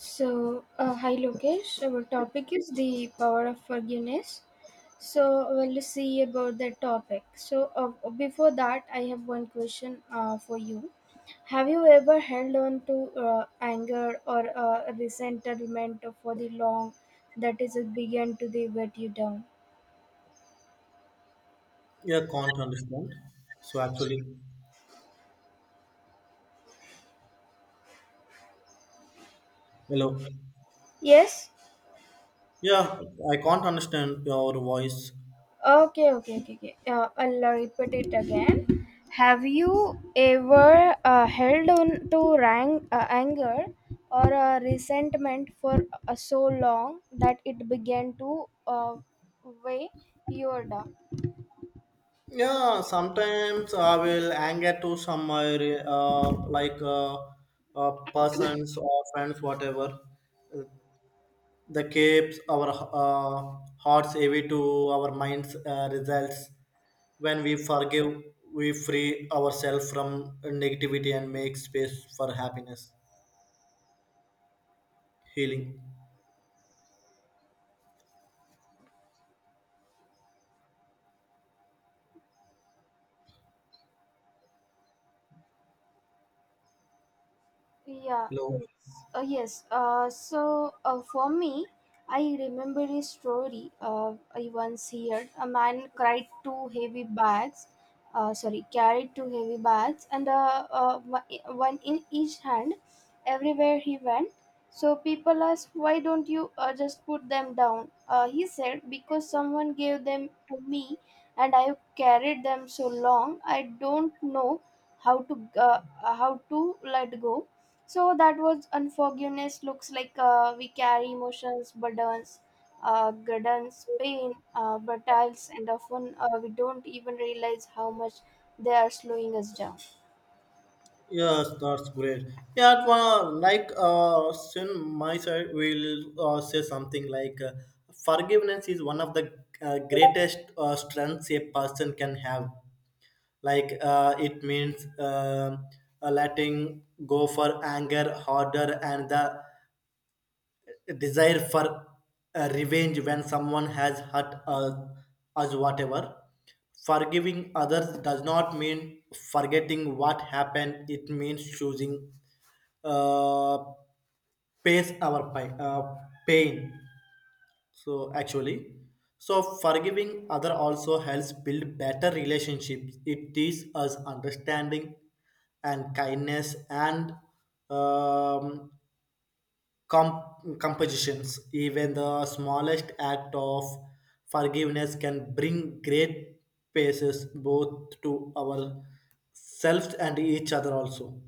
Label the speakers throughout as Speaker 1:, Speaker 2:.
Speaker 1: Hi Lokesh. Our topic is the power of forgiveness. So, we'll see about that topic. Before that, I have one question for you. Have you ever held on to anger or resentment for the long that is it began to the weight you down?
Speaker 2: Yeah, can't understand. So actually, hello.
Speaker 1: Yes.
Speaker 2: Yeah, I can't understand your voice.
Speaker 1: Okay, okay, okay, okay. I'll repeat it again. Have you ever held on to anger or resentment for so long that it began to weigh you down?
Speaker 2: Yeah, sometimes I will anger to some persons or friends, whatever. The keeps our hearts heavy to our minds results. When we forgive, we free ourselves from negativity and make space for happiness, healing.
Speaker 1: Yeah.
Speaker 2: Hello.
Speaker 1: For me, I remember a story I once heard. A man cried two heavy bags, sorry, carried two heavy bags, and one in each hand, everywhere he went. So people asked, "Why don't you just put them down?" He said, "Because someone gave them to me, and I've carried them so long. I don't know how to uh, how to let go." So that was unforgiveness. Looks like we carry emotions, burdens, burdens, pain, battles, and often we don't even realize how much they are slowing us down.
Speaker 2: Yes, that's great. Yeah, it wa- like sin my side will say something like forgiveness is one of the greatest strengths a person can have. Like it means letting go for anger harder and the desire for revenge when someone has hurt us, us whatever forgiving others does not mean forgetting what happened, it means choosing uh, pace our pain. So actually, so forgiving other also helps build better relationships. It teaches us understanding and kindness and um, compositions. Even the smallest act of forgiveness can bring great paces both to ourselves and each other also.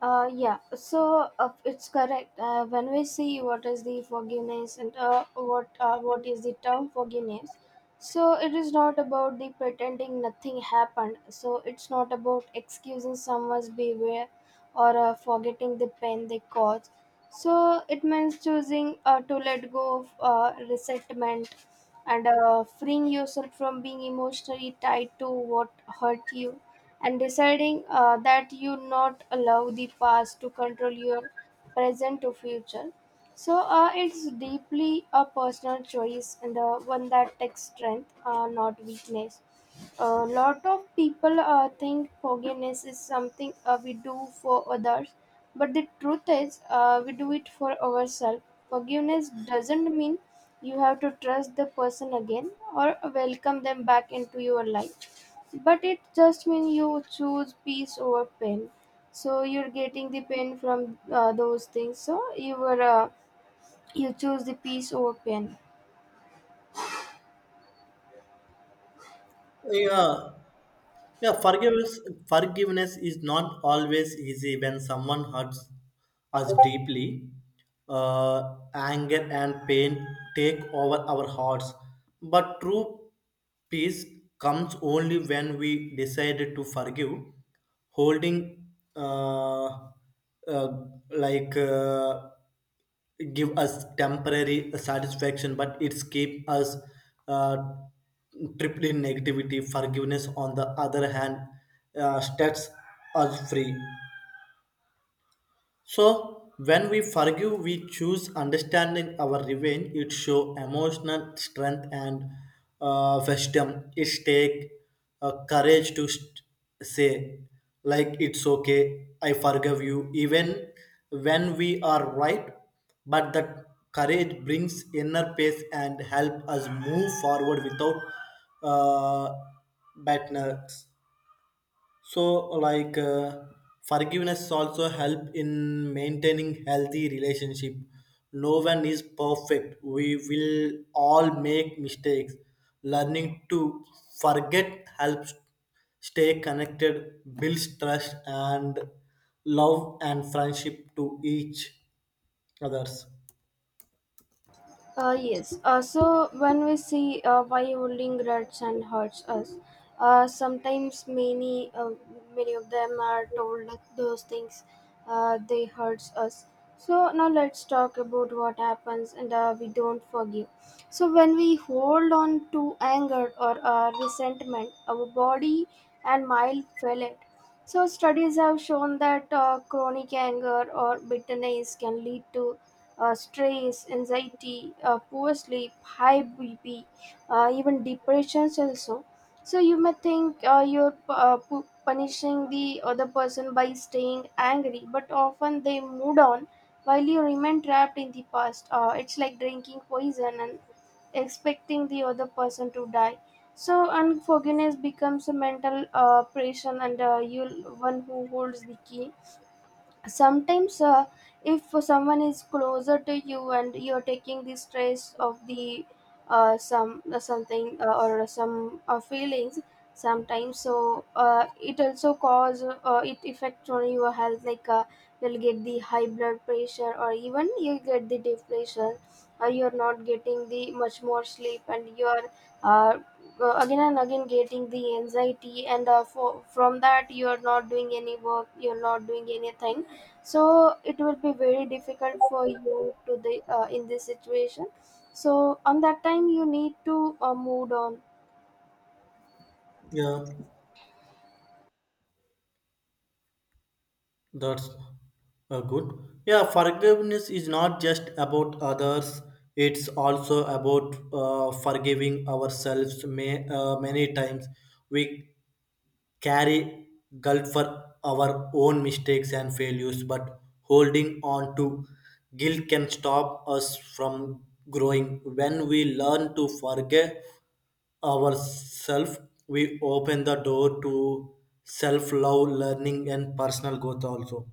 Speaker 1: It's correct. When we see what is the forgiveness and what is the term forgiveness, so it is not about the pretending nothing happened. So it's not about excusing someone's behavior or forgetting the pain they caused. So it means choosing to let go of resentment and freeing yourself from being emotionally tied to what hurt you, and deciding that you not allow the past to control your present to future. It's deeply a personal choice, and one that takes strength, not weakness. A lot of people think forgiveness is something we do for others, but the truth is, we do it for ourselves. Forgiveness doesn't mean you have to trust the person again or welcome them back into your life, but it just means you choose peace over pain. So you're getting the pain from those things. You choose the peace over pain.
Speaker 2: Yeah, Yeah, forgiveness is not always easy when someone hurts us deeply. Anger and pain take over our hearts. But true peace comes only when we decide to forgive. Holding, uh, uh, like, uh, give us temporary satisfaction, but it's keep us uh, tripped in negativity. Forgiveness, on the other hand, sets us free. So when we forgive, we choose understanding our revenge. It show emotional strength and wisdom. It take courage to say, like it's okay, I forgive you, even when we are right. But that courage brings inner peace and help us move forward without uh, bitterness. So, forgiveness also help in maintaining healthy relationship. No one is perfect. We will all make mistakes. Learning to forget helps stay connected, builds trust and love and friendship to each others.
Speaker 1: Yes. So when we see why holding grudges and hurts us, sometimes many of them are told that those things they hurts us. So now let's talk about what happens and we don't forgive. So when we hold on to anger or resentment, our body and mind feel it. So studies have shown that chronic anger or bitterness can lead to stress, anxiety, poor sleep, high BP, even depressions also. So you may think punishing the other person by staying angry, but often they moved on while you remain trapped in the past. It's like drinking poison and expecting the other person to die. So unforgiveness becomes a mental prison, and you're one who holds the key. Sometimes if someone is closer to you and you're taking the stress of the some something or some feelings sometimes, it also cause, it affect on your health, like you'll get the high blood pressure, or even you'll get the depression, or you're not getting the much more sleep, and you're uh, again and again getting the anxiety, and from that you're not doing any work, you're not doing anything, so it will be very difficult for you to the in this situation, so on that time you need to move on.
Speaker 2: Yeah. That's good. Yeah, forgiveness is not just about others, it's also about forgiving ourselves. Many times we carry guilt for our own mistakes and failures, but holding on to guilt can stop us from growing. When we learn to forgive ourselves, we open the door to self love, learning, and personal growth also.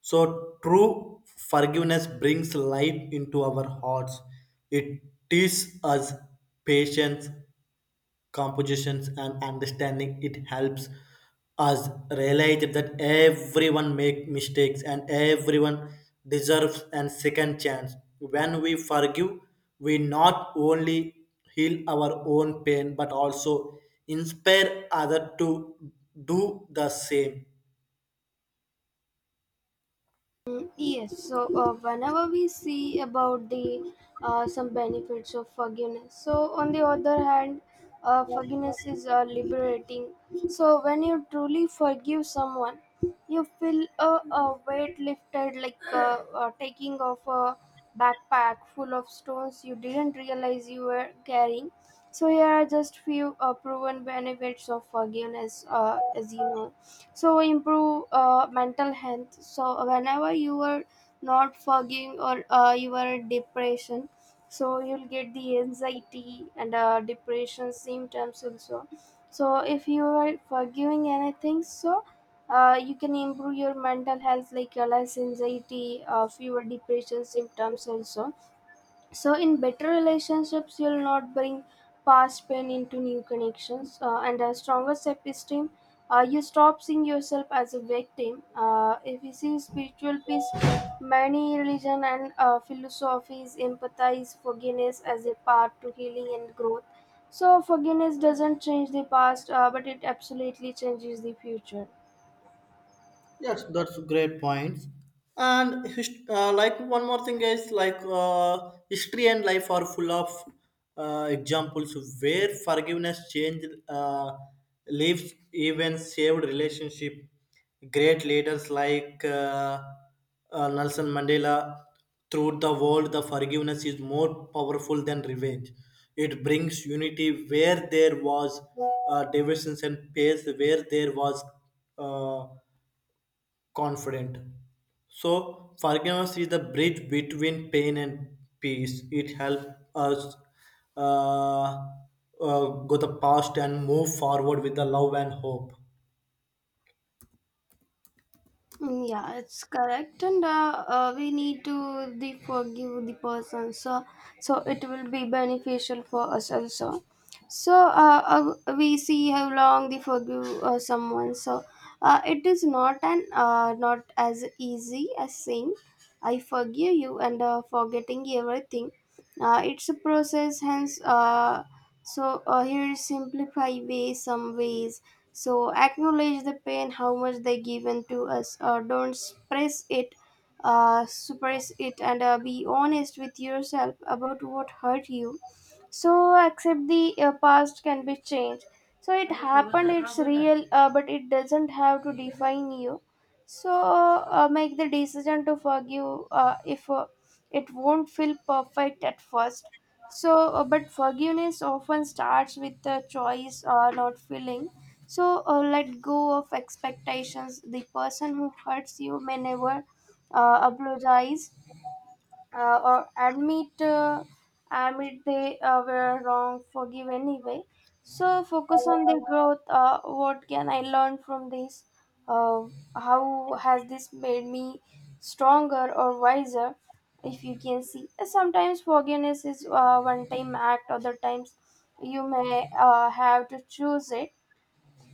Speaker 2: So, true forgiveness brings light into our hearts. It teaches us patience compositions and understanding. It helps us realize that everyone make mistakes and everyone deserves a second chance. When we forgive we not only heal our own pain but also inspire other to do the same.
Speaker 1: Mm. Yes, so whenever we see about the some benefits of forgiveness, so on the other hand, forgiveness is liberating. So when you truly forgive someone, you feel a weight lifted, like taking off a backpack full of stones you didn't realize you were carrying. So here are just few proven benefits of forgiveness, as you know. So improve mental health, so whenever you are not forgiving or you are in depression, so you'll get the anxiety and depression symptoms also. So if you are forgiving anything, so you can improve your mental health, like less anxiety, fewer depression symptoms also. So in better relationships you'll not bring past pain into new connections, and a stronger self-esteem. You stop seeing yourself as a victim. If you see spiritual peace, many religion and philosophies empathize forgiveness as a path to healing and growth. So forgiveness doesn't change the past, but it absolutely changes the future.
Speaker 2: Yes, that's great points. And hist- like one more thing is like history and life are full of examples where forgiveness changed lives, even saved relationship. Great leaders like Nelson Mandela throughout the world, the forgiveness is more powerful than revenge. It brings unity where there was divisions and peace where there was uh, confident. So forgiveness is the bridge between pain and peace. It helps us uh, go the past and move forward with the love and hope.
Speaker 1: Mm. Yeah, it's correct, and we need to the forgive the person, so it will be beneficial for us also. So we see how long they forgive someone. So it is not an not as easy as saying I forgive you and forgetting everything. It's a process, hence here is simplify way some ways. So acknowledge the pain, how much they given to us. Don't suppress it, and be honest with yourself about what hurt you. So accept the past can be changed. So it happened, it's real, but it doesn't have to define you. So make the decision to forgive, if it won't feel perfect at first. So but forgiveness often starts with the choice or not feeling. So let go of expectations. The person who hurts you may never apologize or admit, admit they were wrong. Forgive anyway. So focus on their growth. What can I learn from this? Uh, how has this made me stronger or wiser? If you can see, sometimes forgiveness is one-time act. Other times, you may have to choose it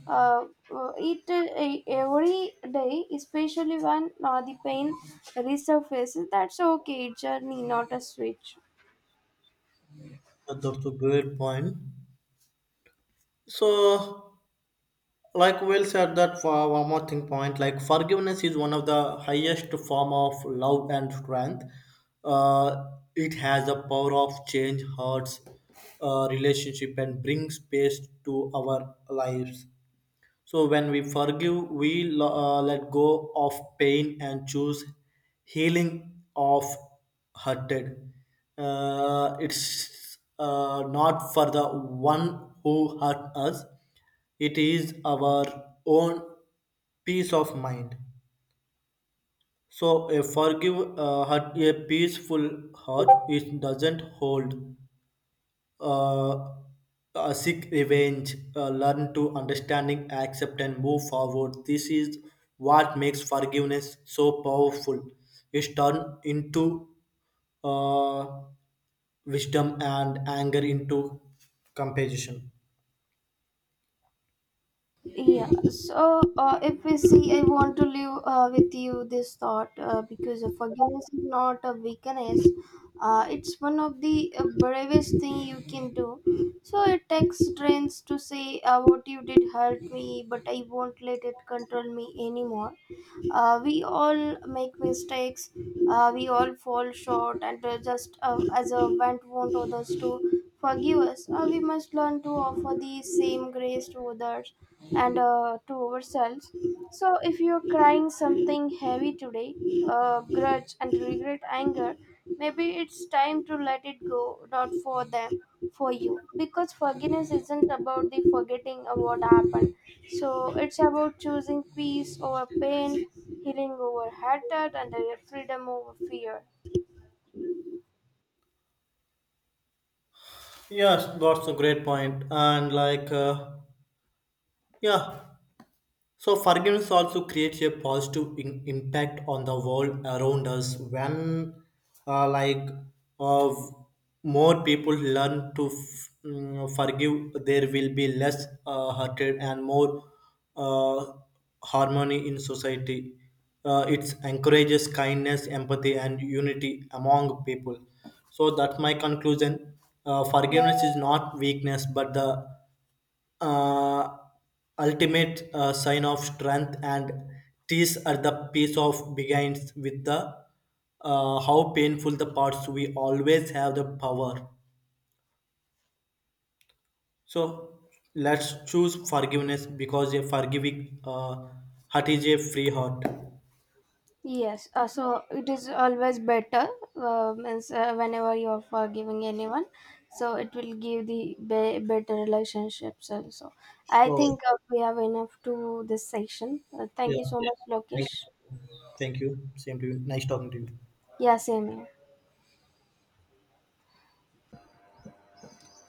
Speaker 1: uh, every day, especially when the pain resurfaces. That's okay, it's journey, not a switch.
Speaker 2: That's a great point. So, like Will said, that for one more thing point, like forgiveness is one of the highest form of love and strength. Uh, it has a power of change hearts, relationship, and brings peace to our lives. So when we forgive, let go of pain and choose healing of hurted. It's not for the one who hurt us. It is our own peace of mind. So a forgive heart, a peaceful heart, it doesn't hold uh, seek revenge, learn to understanding, accept, and move forward. This is what makes forgiveness so powerful. It's turned into uh, wisdom and anger into compassion.
Speaker 1: Yeah. So if we see, I want to leave with you this thought, because forgiveness is not a weakness. It's one of the bravest thing you can do. So it takes strength to say, what you did hurt me, but I won't let it control me anymore. We all make mistakes. We all fall short, and just as a want others to forgive us, we must learn to offer the same grace to others and to ourselves. So if you're crying something heavy today, grudge and regret anger, maybe it's time to let it go, not for them, for you, because forgiveness isn't about the forgetting of what happened. So it's about choosing peace over pain, healing over hatred, and freedom over fear.
Speaker 2: Yes, that's a great point. Yeah, So, forgiveness also creates a positive impact on the world around us when, uh, like, of more people learn to forgive, there will be less hatred and more uh, harmony in society. It encourages kindness, empathy, and unity among people. So, that's my conclusion. Forgiveness is not weakness, but the uh, ultimate sign of strength and tease at the piece of begins with the how painful the parts we always have the power. So let's choose forgiveness, because a forgiving heart is a free heart.
Speaker 1: Yes, so it is always better, means whenever you are forgiving anyone, so it will give the better relationships also. I
Speaker 2: So
Speaker 1: think we have enough to this section. Thank you
Speaker 2: yeah,
Speaker 1: so Yeah. much
Speaker 2: thank
Speaker 1: Lokesh.
Speaker 2: you. Thank you, same to you, nice talking to you.
Speaker 1: Yeah, same here.